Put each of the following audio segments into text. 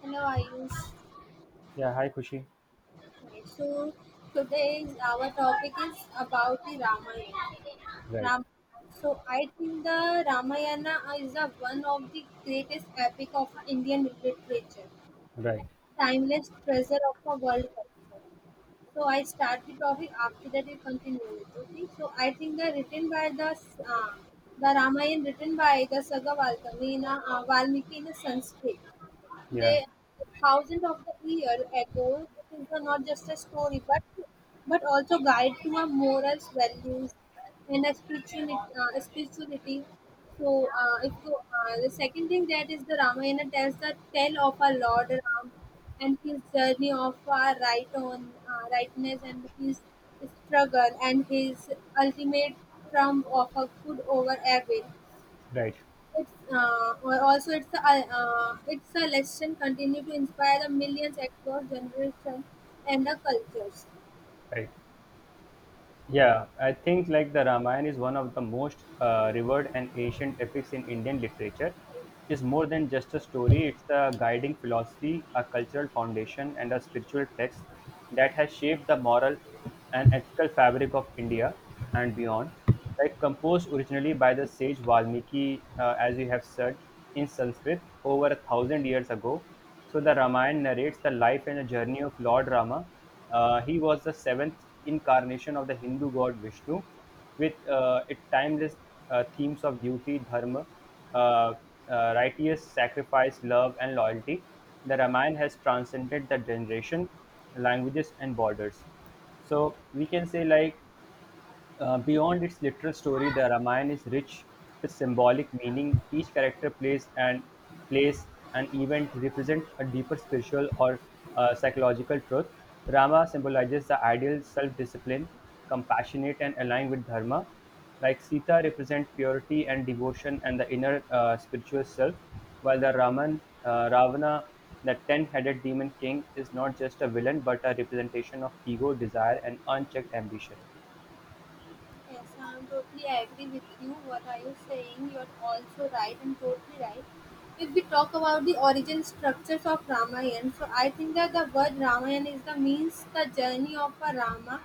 Hello, Ayush. Yeah, hi Kushi. Okay, so today our topic is about the Ramayana. Right, Ram- so I think the Ramayana is the one of the greatest epic of Indian literature, right. timeless treasure of the world culture. So I start the topic after that we continue it. Okay. So I think the written by uh, the Ramayana written by the Saga Valmiki in a Sanskrit. They Yeah, thousand of the year ago. It is not just a story, but also guide to our morals, values, and a spirituality. So, if you, the second thing that is the Ramayana tells the tale of our Lord Ram and his journey of our rightness and his struggle and his ultimate triumph of a good over evil. right, It's also it's a lesson continue to inspire the millions across generations and the cultures. right. Yeah, I think like the Ramayana is one of the most revered and ancient epics in Indian literature. It's more than just a story, it's a guiding philosophy, a cultural foundation, and a spiritual text that has shaped the moral and ethical fabric of India and beyond. Like composed originally by the sage Valmiki, as you have said, in Sanskrit over a thousand years ago. So the Ramayana narrates the life and the journey of Lord Rama. He was the seventh incarnation of the Hindu god Vishnu, with its timeless themes of duty, dharma, uh, uh, righteous sacrifice, love, and loyalty. The Ramayana has transcended the generation, languages, and borders, so we can say like beyond its literal story, the Ramayana is rich with symbolic meaning. Each character plays an event to represent a deeper spiritual or psychological truth. Rama symbolizes the ideal self-discipline, compassionate and aligned with dharma. Like Sita represent purity and devotion and the inner spiritual self, while the Raman Ravana, the ten-headed demon king, is not just a villain but a representation of ego, desire, and unchecked ambition. Yes, I'm totally agree with you. What are you saying? You're also right and totally right. If we talk about the origin structures of Ramayana, so I think that the word Ramayana is the means the journey of a Rama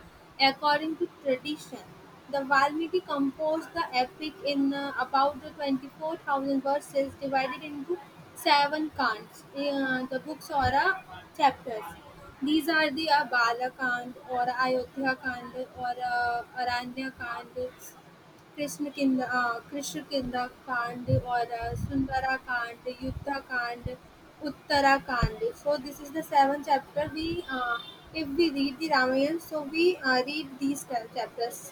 according to tradition. The Valmiki composed the epic in about the 24,000 verses divided into seven kants, the books or chapters. These are the Balakand or Ayodhya Kand or Aranya Kand Krishna Krishna किंदा कांड or Sundara Kand, Yuddha Kand, Uttara Kand. So this is the seventh chapter. We If we read the Ramayana, so we read these ten chapters,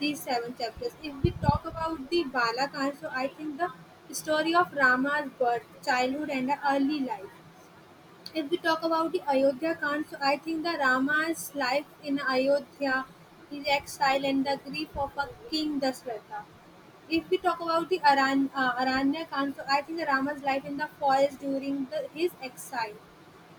these seven chapters. If we talk about the Balakand, so I think the story of Rama's birth, childhood, and the early life. If we talk about the Ayodhya Kand, so I think the Rama's life in Ayodhya, his exile and the grief of a king Dasratha. If we talk about the Aranya Kand, so I think the Rama's life in the forest during the, his exile.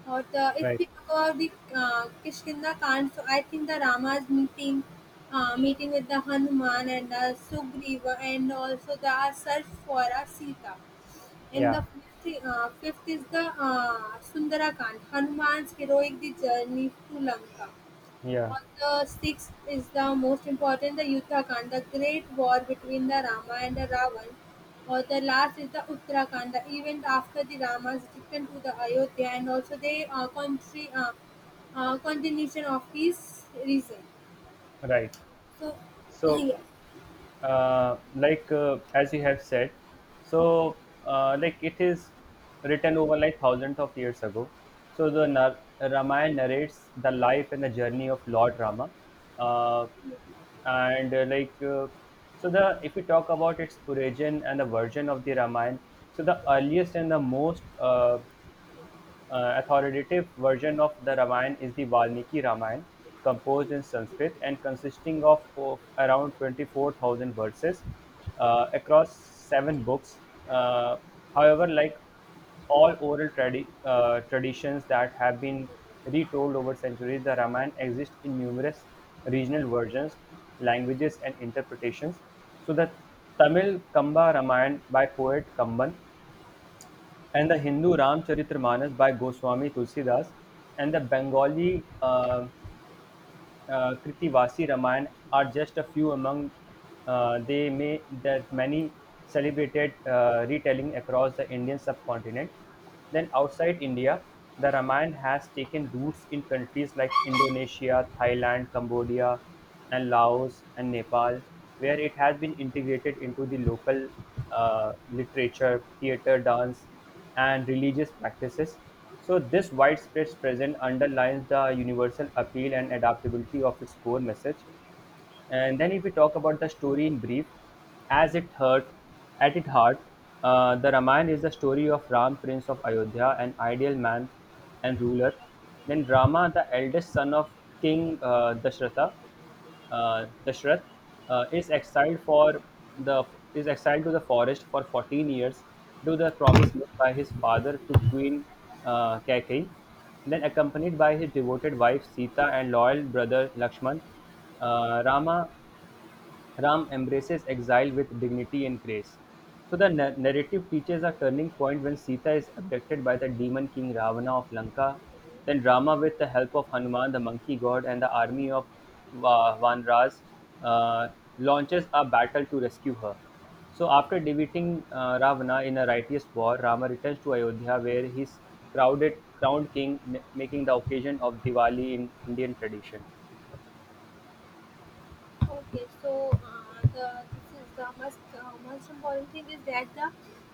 Or the, if Right. we talk about the Kishkinda Kand, so I think the Rama's meeting with the Hanuman and the Sugriva, and also the search for a Sita. In the Yeah, fifth is the Sundarakand, Hanuman's heroic the journey to Lanka. yeah, On the sixth is the most important, the Yuddhakand, the great war between the Rama and the Ravan. Or the last is the Uttarakhand, the event after the Rama's return to the Ayodhya and also the continuation of his reason. right. So, So, yes. As you have said, so like it is written over like thousands of years ago. So the Ramayana narrates the life and the journey of Lord Rama, uh, and like so the if we talk about its origin and the version of the Ramayana, so the earliest and the most authoritative version of the Ramayana is the Valmiki Ramayana, composed in Sanskrit and consisting of around 24,000 verses across seven books. Uh, however, like all traditions that have been retold over centuries, the Ramayana exists in numerous regional versions, languages, and interpretations. So, the Tamil Kamba Ramayana by poet Kamban and the Hindu Ramcharitmanas by Goswami Tulsidas and the Bengali Kritivasi Ramayana are just a few among they may that many celebrated retelling across the Indian subcontinent. Then outside India, the Ramayana has taken roots in countries like Indonesia, Thailand, Cambodia, and Laos and Nepal, where it has been integrated into the local literature, theater, dance, and religious practices. So, this widespread presence underlines the universal appeal and adaptability of its core message. And then if we talk about the story in brief, as it hurt, at its heart, the Ramayana is the story of Ram, prince of Ayodhya, an ideal man and ruler. Then Rama, the eldest son of King Dashrath, uh, is exiled for the is exiled to the forest for 14 years due to the promise made by his father to Queen Kaikeyi. Then, accompanied by his devoted wife Sita and loyal brother Lakshman, uh, Rama Ram embraces exile with dignity and grace. So the narrative teaches a turning point when Sita is abducted by the demon king Ravana of Lanka. Then Rama, with the help of Hanuman, the monkey god, and the army of Vanras, uh, launches a battle to rescue her. So after defeating Ravana in a righteous war, Rama returns to Ayodhya, where he's crowded crowned king, making the occasion of Diwali in Indian tradition. Okay, so the this is the most important thing is that the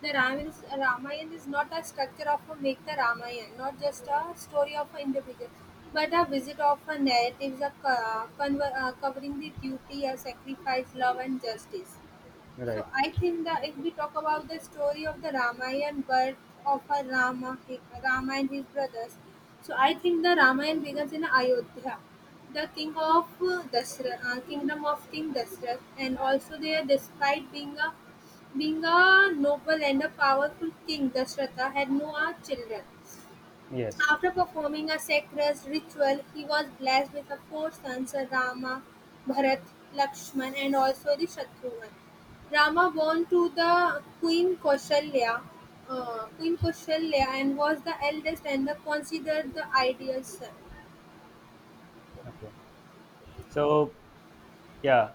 the Ramayana is not a structure of a make the Ramayana, not just a story of an individual, but a visit of a narratives of, covering the duty, sacrifice, love, and justice. So Right. I think that if we talk about the story of the Ramayana birth of a Rama, Rama and his brothers, so I think the Ramayana begins in Ayodhya, the king of kingdom of King Dashrath, and also there, despite being a noble and a powerful king, Dashratha had no children. Yes. After performing a sacred ritual, he was blessed with the four sons Rama, Bharat, Lakshman, and also the Shatrughan. Rama born to the Queen Kausalya and was the eldest and the, considered the ideal son. Okay. So, yeah.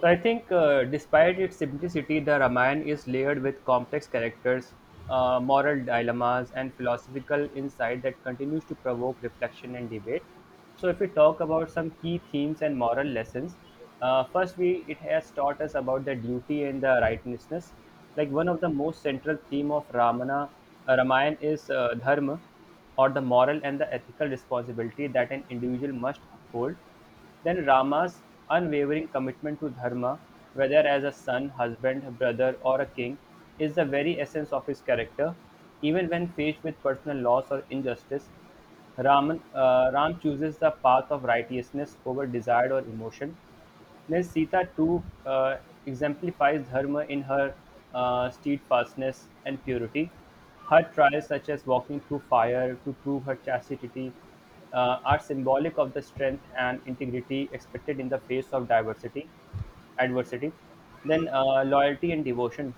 So I think, despite its simplicity, the Ramayana is layered with complex characters, moral dilemmas, and philosophical insight that continues to provoke reflection and debate. So, if we talk about some key themes and moral lessons, first, we it has taught us about the duty and the righteousness. Like one of the most central theme of Ramayana is dharma, or the moral and the ethical responsibility that an individual must uphold, then Rama's unwavering commitment to dharma, whether as a son, husband, brother, or a king, is the very essence of his character. Even when faced with personal loss or injustice, Ram chooses the path of righteousness over desire or emotion. Next, Sita too exemplifies dharma in her steadfastness and purity. Her trials, such as walking through fire to prove her chastity, are symbolic of the strength and integrity expected in the face of adversity. Then, loyalty and devotion,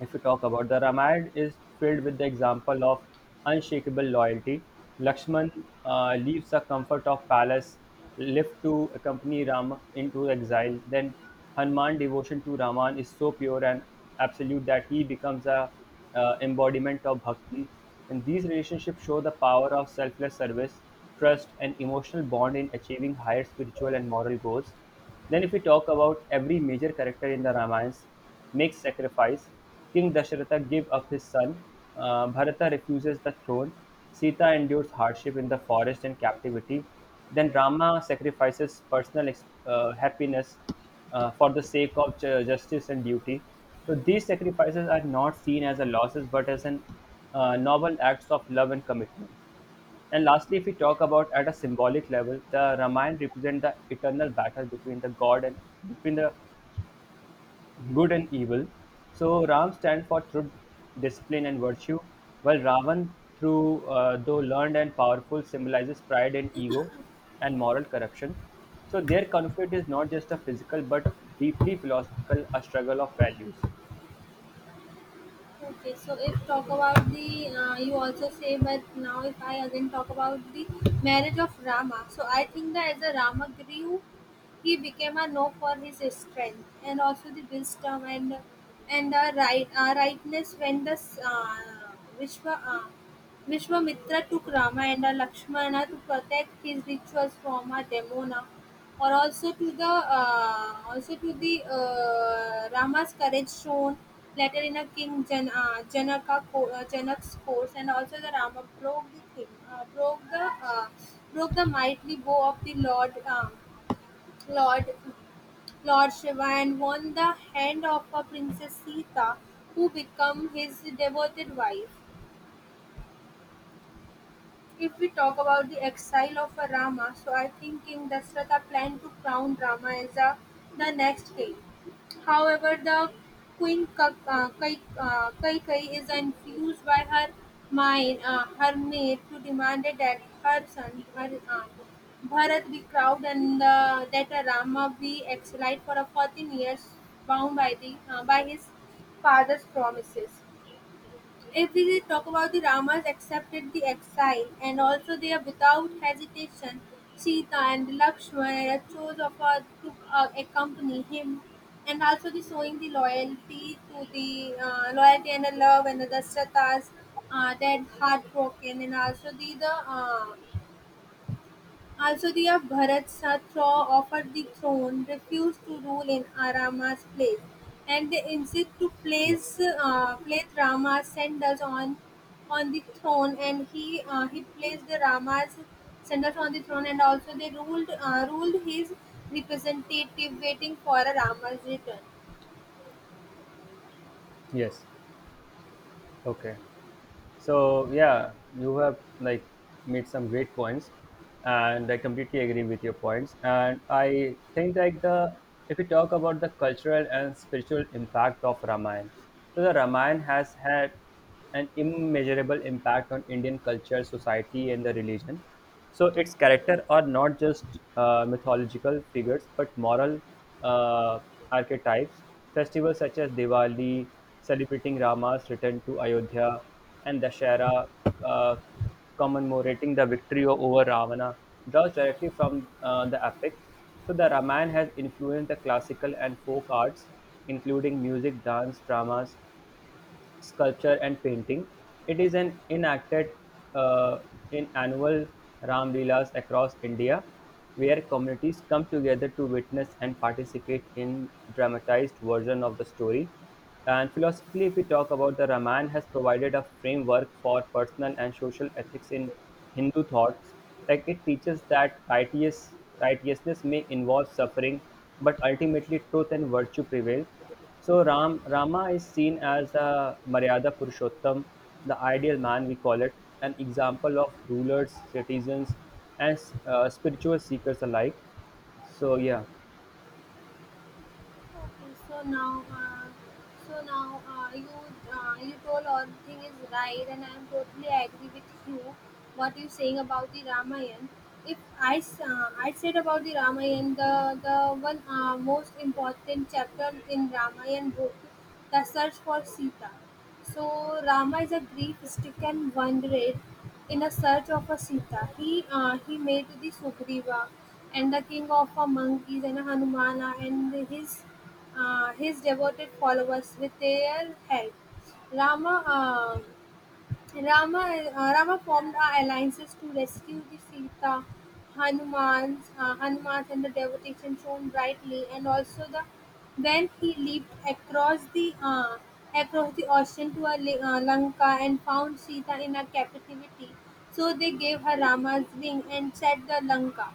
if we talk about, the Ramayana is filled with the example of unshakable loyalty. Lakshman leaves the comfort of palace, left to accompany Rama into exile. Then Hanuman devotion to Raman is so pure and absolute that he becomes a embodiment of bhakti. And these relationships show the power of selfless service, trust, and emotional bond in achieving higher spiritual and moral goals. Then, if we talk about, every major character in the Ramayans makes sacrifice. King Dasharatha give up his son. Bharata refuses the throne. Sita endures hardship in the forest and captivity. Then Rama sacrifices personal happiness for the sake of justice and duty. So these sacrifices are not seen as a losses, but as an noble acts of love and commitment. And lastly, if we Yeah. talk about at a symbolic level, the Ramayana represents the eternal battle between the God and between the good and evil. So Ram stands for truth, discipline, and virtue, while Ravan, through though learned and powerful, symbolizes pride and ego, and moral corruption. So their conflict is not just a physical but deeply philosophical, a struggle of values. Okay, so if talk about the, you also say, but now if I again talk about the marriage of Rama, so I think that as a Rama grew, he became a no for his strength and also the wisdom and the rightness when the uh, Vishwa uh, Vishwamitra took Rama and Lakshmana to protect his rituals from a demona or also to the Rama's courage shown later in a King Jan, Janaka co- Janak's course, and also the Rama broke the thing, uh, broke the mighty bow of the Lord Lord Shiva and won the hand of a Princess Sita, who became his devoted wife. If we talk about the exile of a Rama, so I think King Dasratha planned to crown Rama as a, the next king. However, the Kaikai is infused by her her maid, to demand that her son, her Bharat be crowned and that a Rama be exiled for a 14 years, bound by the by his father's promises. If we talk about the Ramas accepted the exile and also they are without hesitation Sita and Lakshmana chose of her to accompany him and also the showing the loyalty to the loyalty and the love and the Dashratha's dead heartbroken and also the also, the of Bharat Satra offered the throne, refused to rule in Arama's place, and they insist to place Yes. Place Rama's sandals on the throne, and he placed the Rama's sandals on the throne, and also they ruled his representative, waiting for a Rama's return. Yes. Okay. So yeah, you have like made some great points, and I completely agree with your points. And I think like the if we talk about the cultural and spiritual impact of Ramayana, so the Ramayana has had an immeasurable impact on Indian culture, society, and the religion. So its character are not just mythological figures but moral uh, archetypes. Festivals such as Diwali, celebrating Rama's return to Ayodhya, and Dashera, uh, commemorating the victory over Ravana, draws directly from the epic. So the Ramayana has influenced the classical and folk arts, including music, dance, dramas, sculpture and painting. It is an enacted uh, in annual Ram Leelas across India, where communities come together to witness and participate in dramatized version of the story. And philosophically, if we talk about, the Ramayana has provided a framework for personal and social ethics in Hindu thoughts. Like it teaches that righteousness may involve suffering, but ultimately truth and virtue prevail. So Rama is seen as the Maryada Purushottam, the ideal man we call it, an example of rulers, citizens, and spiritual seekers alike. So yeah, Okay, so now, you you told all the thing is right, and I am totally agree with you what you saying about the Ramayana. If I said about the Ramayana, the one most important chapter in Ramayana book, the search for Sita. So Rama is a grief-stricken wanderer in a search of a Sita. He made the Sugriva and the king of a monkeys and a Hanumana and his devoted followers with their help, Rama uh, Rama Rama formed alliances to rescue the Sita, Hanuman's and the devotion shown brightly, and also the when he leaped across the ocean to a, Lanka and found Sita in a captivity, so they gave her Rama's ring and set the Lanka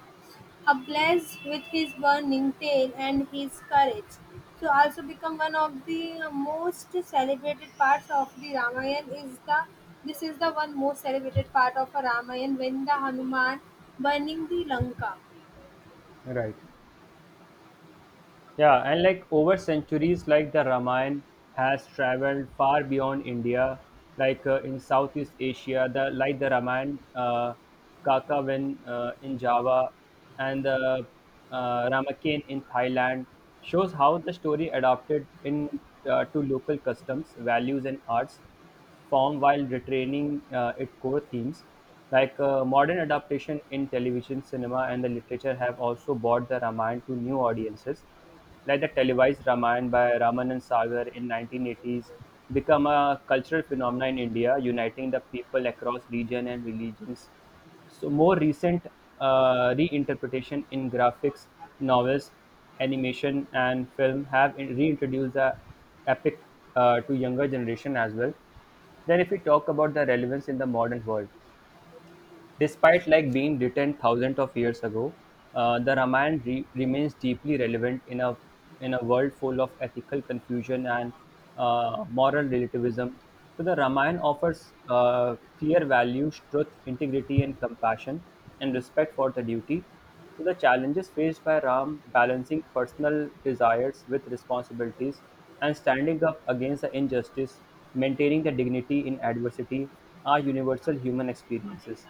ablaze with his burning tale and his courage, so also become one of the most celebrated parts of the Ramayana is the this is the one most celebrated part of a Ramayana when the Hanuman burning the Lanka. right. Yeah, and like over centuries, like the Ramayana has traveled far beyond India, like in Southeast Asia, the Ramayana Kakavin in Java and the Ramakien in Thailand shows how the story adapted in to local customs, values, and arts form while retaining its core themes. Like modern adaptation in television, cinema, and the literature have also brought the Ramayana to new audiences like the televised Ramayana by Ramanan Sagar in 1980s become a cultural phenomenon in India, uniting the people across region and religions. So more recent reinterpretation in graphics, novels, animation, and film have reintroduced the epic to younger generation as well. Then, if we talk about the relevance in the modern world, despite like being written thousands of years ago, the Ramayana remains deeply relevant in a world full of ethical confusion and moral relativism. So the Ramayana offers clear values, truth, integrity, and compassion, and respect for the duty. So the challenges faced by Ram, balancing personal desires with responsibilities, and standing up against the injustice, maintaining the dignity in adversity, are universal human experiences.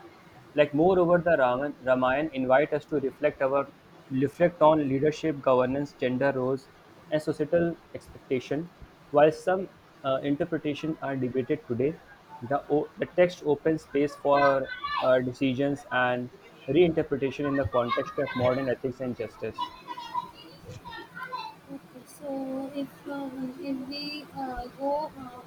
Like moreover the Ramayana invite us to reflect on leadership, governance, gender roles, and societal expectation. While some interpretation are debated today, the text opens space for decisions and reinterpretation in the context of modern ethics and justice. Okay, so if we go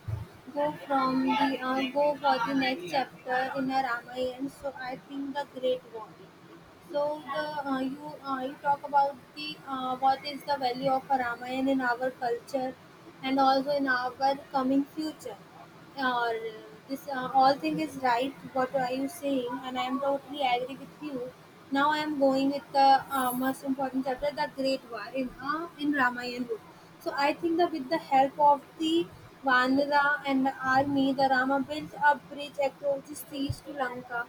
go from the go for the next chapter in a Ramayana, so I think the Great War. So the you you talk about the what is the value of a Ramayana in our culture and also in our coming future. Or this all thing is right what are you saying and I am totally agree with you now I am going with the most important chapter the great war in Ramayan book, so I think that with the help of the Vanara and the army the Rama built a bridge across the seas to Lanka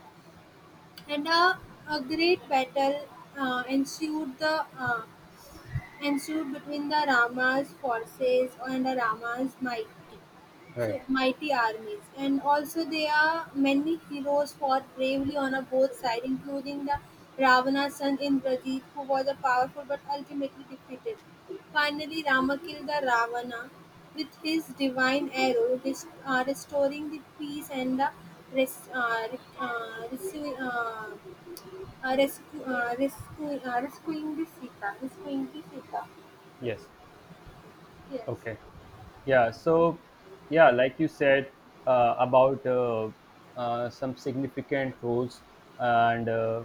and a great battle uh, ensued the uh, ensued between the Rama's forces and the Rama's mighty Right. so mighty armies. And also there are many heroes fought bravely on a both sides, including the Ravana's son Indrajit, who was a powerful but ultimately defeated. Finally, Rama killed the Ravana with his divine arrow, restoring the peace and the res- re- rescu- rescu- rescu- rescuing the Sita. Rescuing the Sita. Yes. Yes. Okay. Yeah. So, yeah, like you said about some significant roles and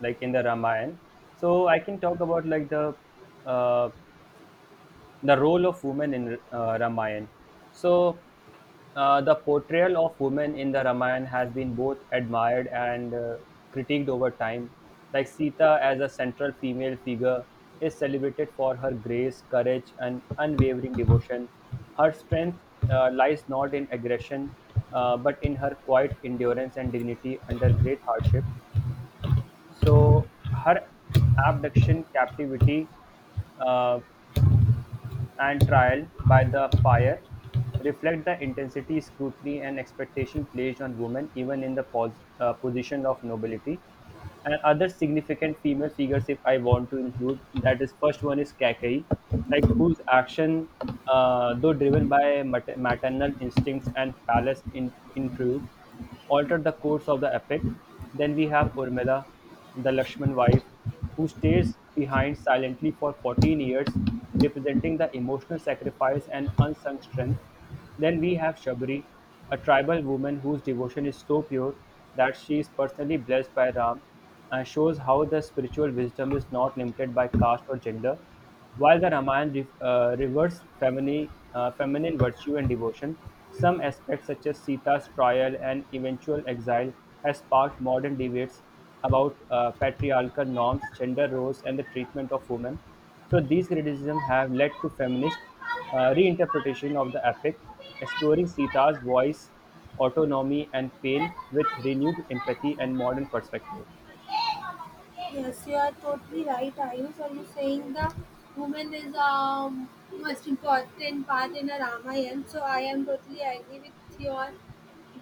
like in the Ramayana. So I can talk about like uh, the role of women in Ramayana. So, the portrayal of women in the Ramayana has been both admired and critiqued over time. Like Sita as a central female figure is celebrated for her grace, courage, and unwavering devotion. Her strength lies not in aggression, but in her quiet endurance and dignity under great hardship. So, her abduction, captivity, uh, and trial by the fire reflect the intensity, scrutiny, and expectation placed on women, even in the position of nobility. And other significant female figures, if I want to include, that is first one is Kakeyi, like whose action, though driven by maternal instincts and palace intrigue, altered the course of the epic. Then we have Urmila, the Lakshman wife, who stays behind silently for 14 years, representing the emotional sacrifice and unsung strength. Then we have Shabri, a tribal woman whose devotion is so pure that she is personally blessed by Ram and shows how the spiritual wisdom is not limited by caste or gender. While the Ramayana reveres feminine virtue and devotion, some aspects such as Sita's trial and eventual exile has sparked modern debates about patriarchal norms, gender roles, and the treatment of women. So these criticisms have led to feminist reinterpretation of the epic, exploring Sita's voice, autonomy, and pain with renewed empathy and modern perspective. Yes, you are totally right, Ayush. Are you saying the woman is most important part in a Ramayana? So I am totally agree with your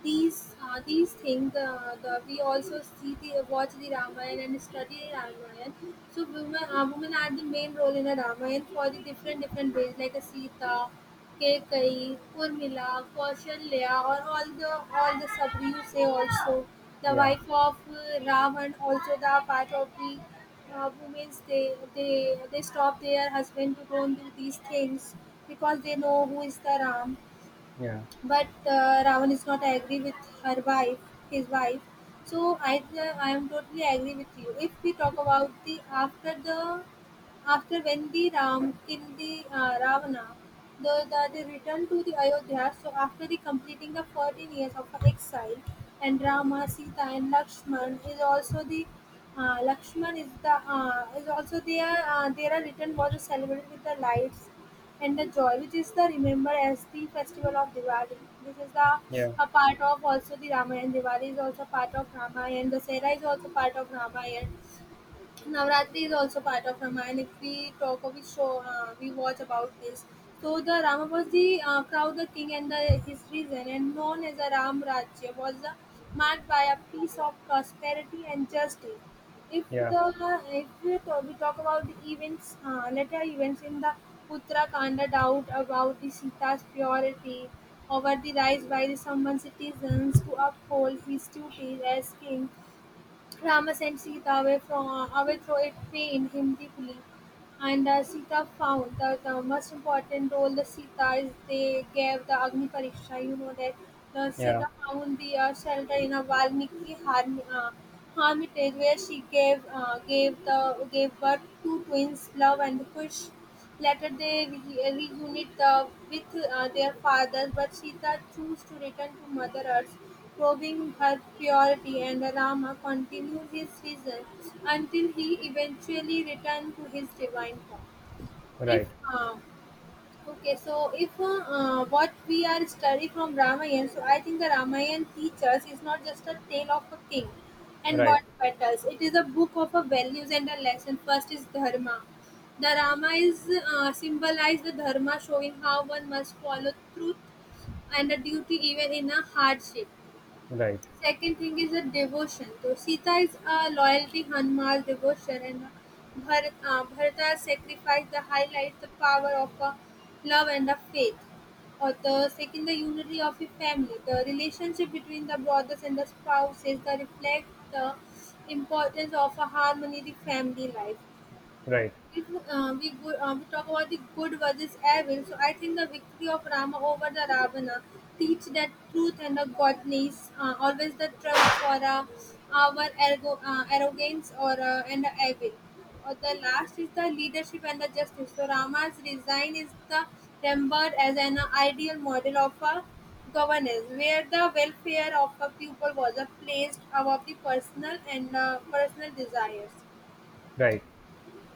these things the, we also see the watch the Ramayana and study Ramayana. So women are the main role in a Ramayana for the different different ways like a Sita, Kekai, Urmila, Kaushalya or all the Sabri you say also the Yeah, wife of Ravan also the part of the women they stop their husband to go and do these things because they know who is the Ram yeah, but Ravan is not agree with her wife, his wife. So I am totally agree with you. If we talk about the after when the Ram killed the Ravana, the they returned to the Ayodhya. So after the completing the 14 years of exile, and Rama, Sita, and Lakshman is the is also there. Their return was celebrated with the lights and the joy, which is the remembered as the festival of Diwali. This is the yeah, a part of also the Ramayana. Diwali is also part of Ramayana. The Sera is also part of Ramayana. Navratri is also part of Ramayana. If we talk of his show, we watch about this. So the Rama was the crown, the king, and the, his reason, and known as the Ram Rajya, was marked by a peace of prosperity and justice. If yeah, the if we talk, we talk about the events, later events in the Uttarakhand, doubt about the Sita's purity, over the rise by the Samban citizens to uphold his duties as king Rama sent Sita away from away through a pain Hindi, and Sita found that the most important role the Sita is they gave the Agni Pariksha. You know that the yeah. Sita found the shelter in a Valmiki hermitage where she gave gave the gave birth to twins, Love and Kush. Later they reunite the, with their fathers, but Sita chooses to return to Mother Earth, proving her purity, and Rama continues his season until he eventually returns to his divine form. If Right, uh, Okay, so if what we are study from Ramayana, so I think the Ramayana teaches is not just a tale of a king and right. but battles. It is a book of a values and a lesson. First is dharma. The Rama is symbolized the dharma, showing how one must follow truth and a duty even in a hardship. Right, Second thing is a devotion. So Sita is a loyalty, Hanuman's devotion, and Bharata's sacrifice that highlights the power of a love and the faith. Or the second, the unity of a family. The relationship between the brothers and the spouses that reflect the importance of a harmony in the family life right, it, we talk about the good versus evil. So I think the victory of Rama over the Ravana teach that truth and the godness, always the trust for our ergo, arrogance or and the evil. Or the last is the leadership and the justice. So Rama's resign is the remembered as an ideal model of a governance where the welfare of a people was placed above the personal and personal desires. right.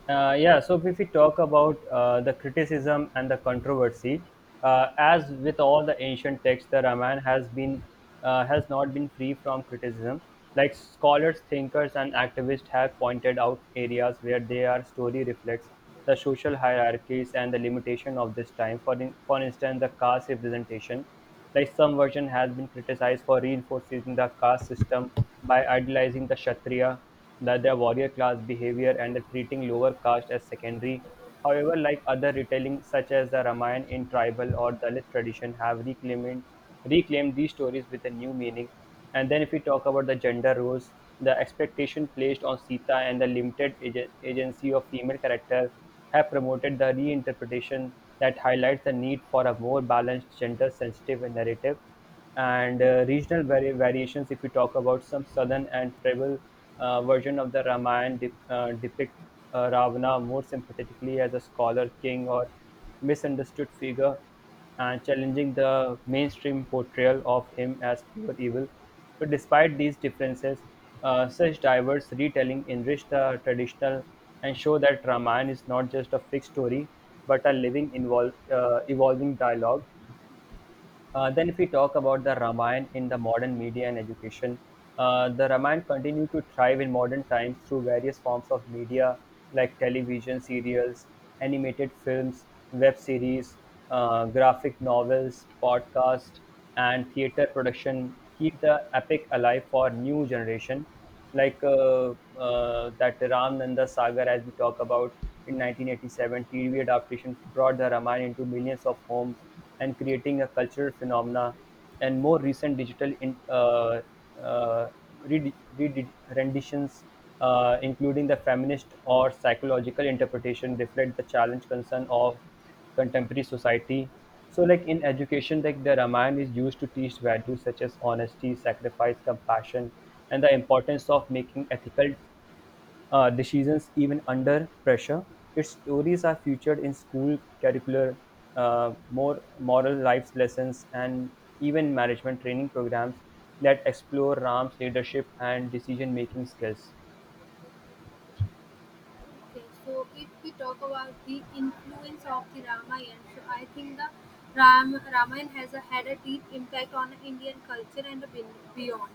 Yeah, so if we talk about the criticism and the controversy, as with all the ancient texts, the Ramayana has not been free from criticism. Like scholars, thinkers, and activists have pointed out areas where their story reflects the social hierarchies and the limitation of this time. For instance, the caste representation. Like some version has been criticized for reinforcing the caste system by idealizing the Kshatriya, the, their warrior class behavior, and the treating lower caste as secondary. However, like other retelling such as the Ramayana in tribal or Dalit tradition have reclaimed these stories with a new meaning. And then if we talk about the gender roles, the expectation placed on Sita and the limited agency of female character have promoted the reinterpretation that highlights the need for a more balanced, gender-sensitive narrative. And regional variations, if we talk about some southern and tribal version of the Ramayana, depict Ravana more sympathetically as a scholar, king, or misunderstood figure and challenging the mainstream portrayal of him as pure evil. But despite these differences, such diverse retelling enrich the traditional and show that Ramayana is not just a fixed story but a living, evolving dialogue. Then, if we talk about the Ramayana in the modern media and education, the Ramayana continued to thrive in modern times through various forms of media like television serials, animated films, web series, graphic novels, podcast, and theater production. Keep the epic alive for new generation like that Ram Nanda Sagar, as we talk about in 1987, TV adaptation brought the Ramayana into millions of homes and creating a cultural phenomena. And more recent digital uh, renditions, including the feminist or psychological interpretation, reflect the challenge concern of contemporary society. So like in education, like the Ramayana is used to teach values such as honesty, sacrifice, compassion, and the importance of making ethical decisions even under pressure. Its stories are featured in school curricular, more moral life lessons, and even management training programs that explore Ram's leadership and decision-making skills. Okay, so if we talk about the influence of the Ramayana, so I think the Ramayana has a, had a deep impact on Indian culture and beyond.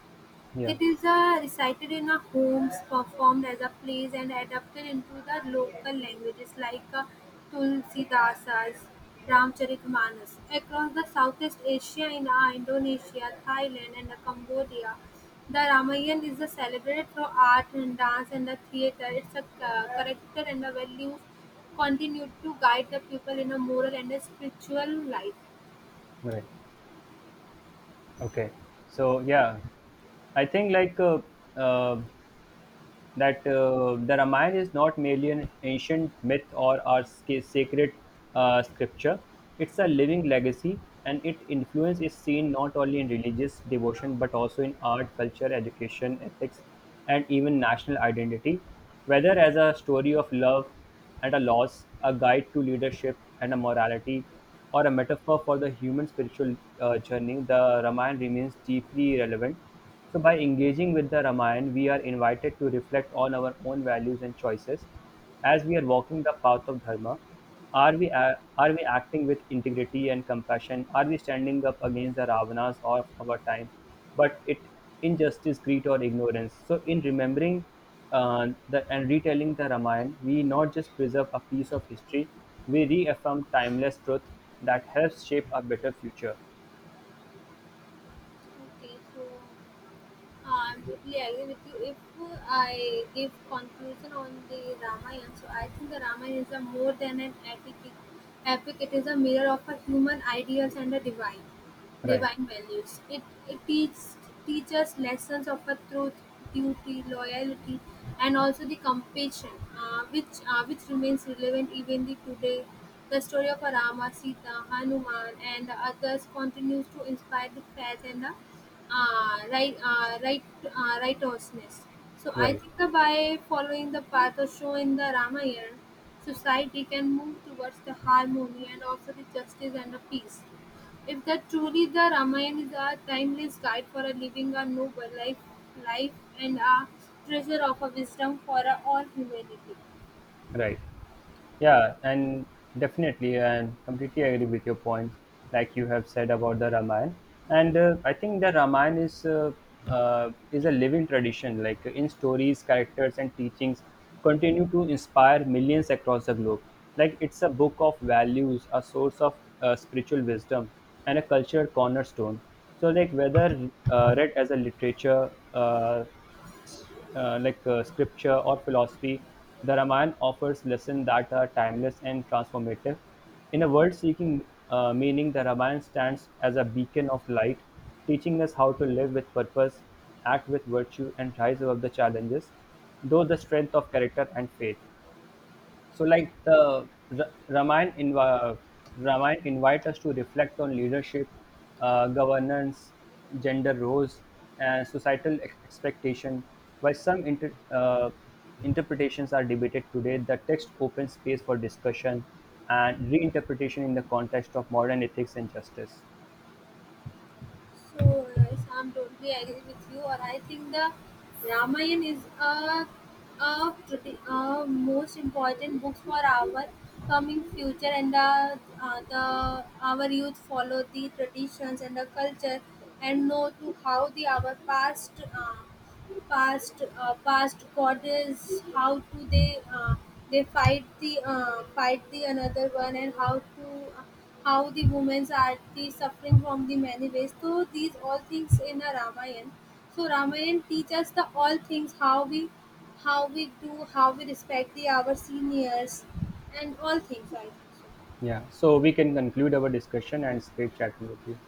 Yeah, It is recited in our homes, performed as a plays and adapted into the local languages like Tulsidasa's Ramcharitmanas. Across the Southeast Asia in Indonesia, Thailand and Cambodia, the Ramayana is celebrated through art and dance and the theatre. Its a character and the values continue to guide the people in a moral and a spiritual life. right. Okay. So yeah, I think like uh, that the Ramayana is not merely an ancient myth or our sacred scripture. It's a living legacy, and its influence is seen not only in religious devotion but also in art, culture, education, ethics, and even national identity. Whether as a story of love and a loss, a guide to leadership and a morality, or a metaphor for the human spiritual journey, the Ramayana remains deeply relevant. So by engaging with the Ramayana, we are invited to reflect on our own values and choices as we are walking the path of dharma. Are we are we acting with integrity and compassion? Are we standing up against the Ravanas of our time, but it injustice, greed, or ignorance? So in remembering the and retelling the Ramayana, we not just preserve a piece of history, we reaffirm timeless truth that helps shape a better future. Okay, so Uh, I'm totally agree with you. If I give conclusion on the Ramayana, so I think the Ramayana is a more than an epic. Epic, it is a mirror of a human ideals and a Right, divine values. It teaches lessons of a truth, duty, loyalty, and also the compassion, which remains relevant even the today. The story of a Rama, Sita, Hanuman, and others continues to inspire the faith and the right righteousness. So I right, think that by following the path or show in the Ramayana, society can move towards the harmony and also the justice and the peace. If that truly the Ramayana is a timeless guide for a living a noble life and a treasure of a wisdom for a all humanity. right. Yeah, and definitely, and completely agree with your points, like you have said about the Ramayana. And I think the Ramayana is a living tradition, like in stories, characters, and teachings, continue to inspire millions across the globe. Like it's a book of values, a source of spiritual wisdom, and a cultural cornerstone. So, like whether read as a literature, scripture or philosophy, the Ramayana offers lessons that are timeless and transformative. In a world seeking meaning, the Ramayana stands as a beacon of light, teaching us how to live with purpose, act with virtue, and rise above the challenges, though the strength of character and faith. So, like the Ramayana, Ramayana invite us to reflect on leadership, governance, gender roles, and societal expectation. While some interpretations are debated today, the text opens space for discussion and reinterpretation in the context of modern ethics and justice. So nice. I'm totally agree with you. Or I think the Ramayana is a, pretty, a most important book for our coming future and the our youth follow the traditions and the culture and know to how the our past past goddess how to they fight the another one and how to how the women are the suffering from the many ways. So these all things in a Ramayana. So Ramayana teaches the all things how we do, how we respect the our seniors and all things I think. Yeah. So we can conclude our discussion and it's great chatting with you.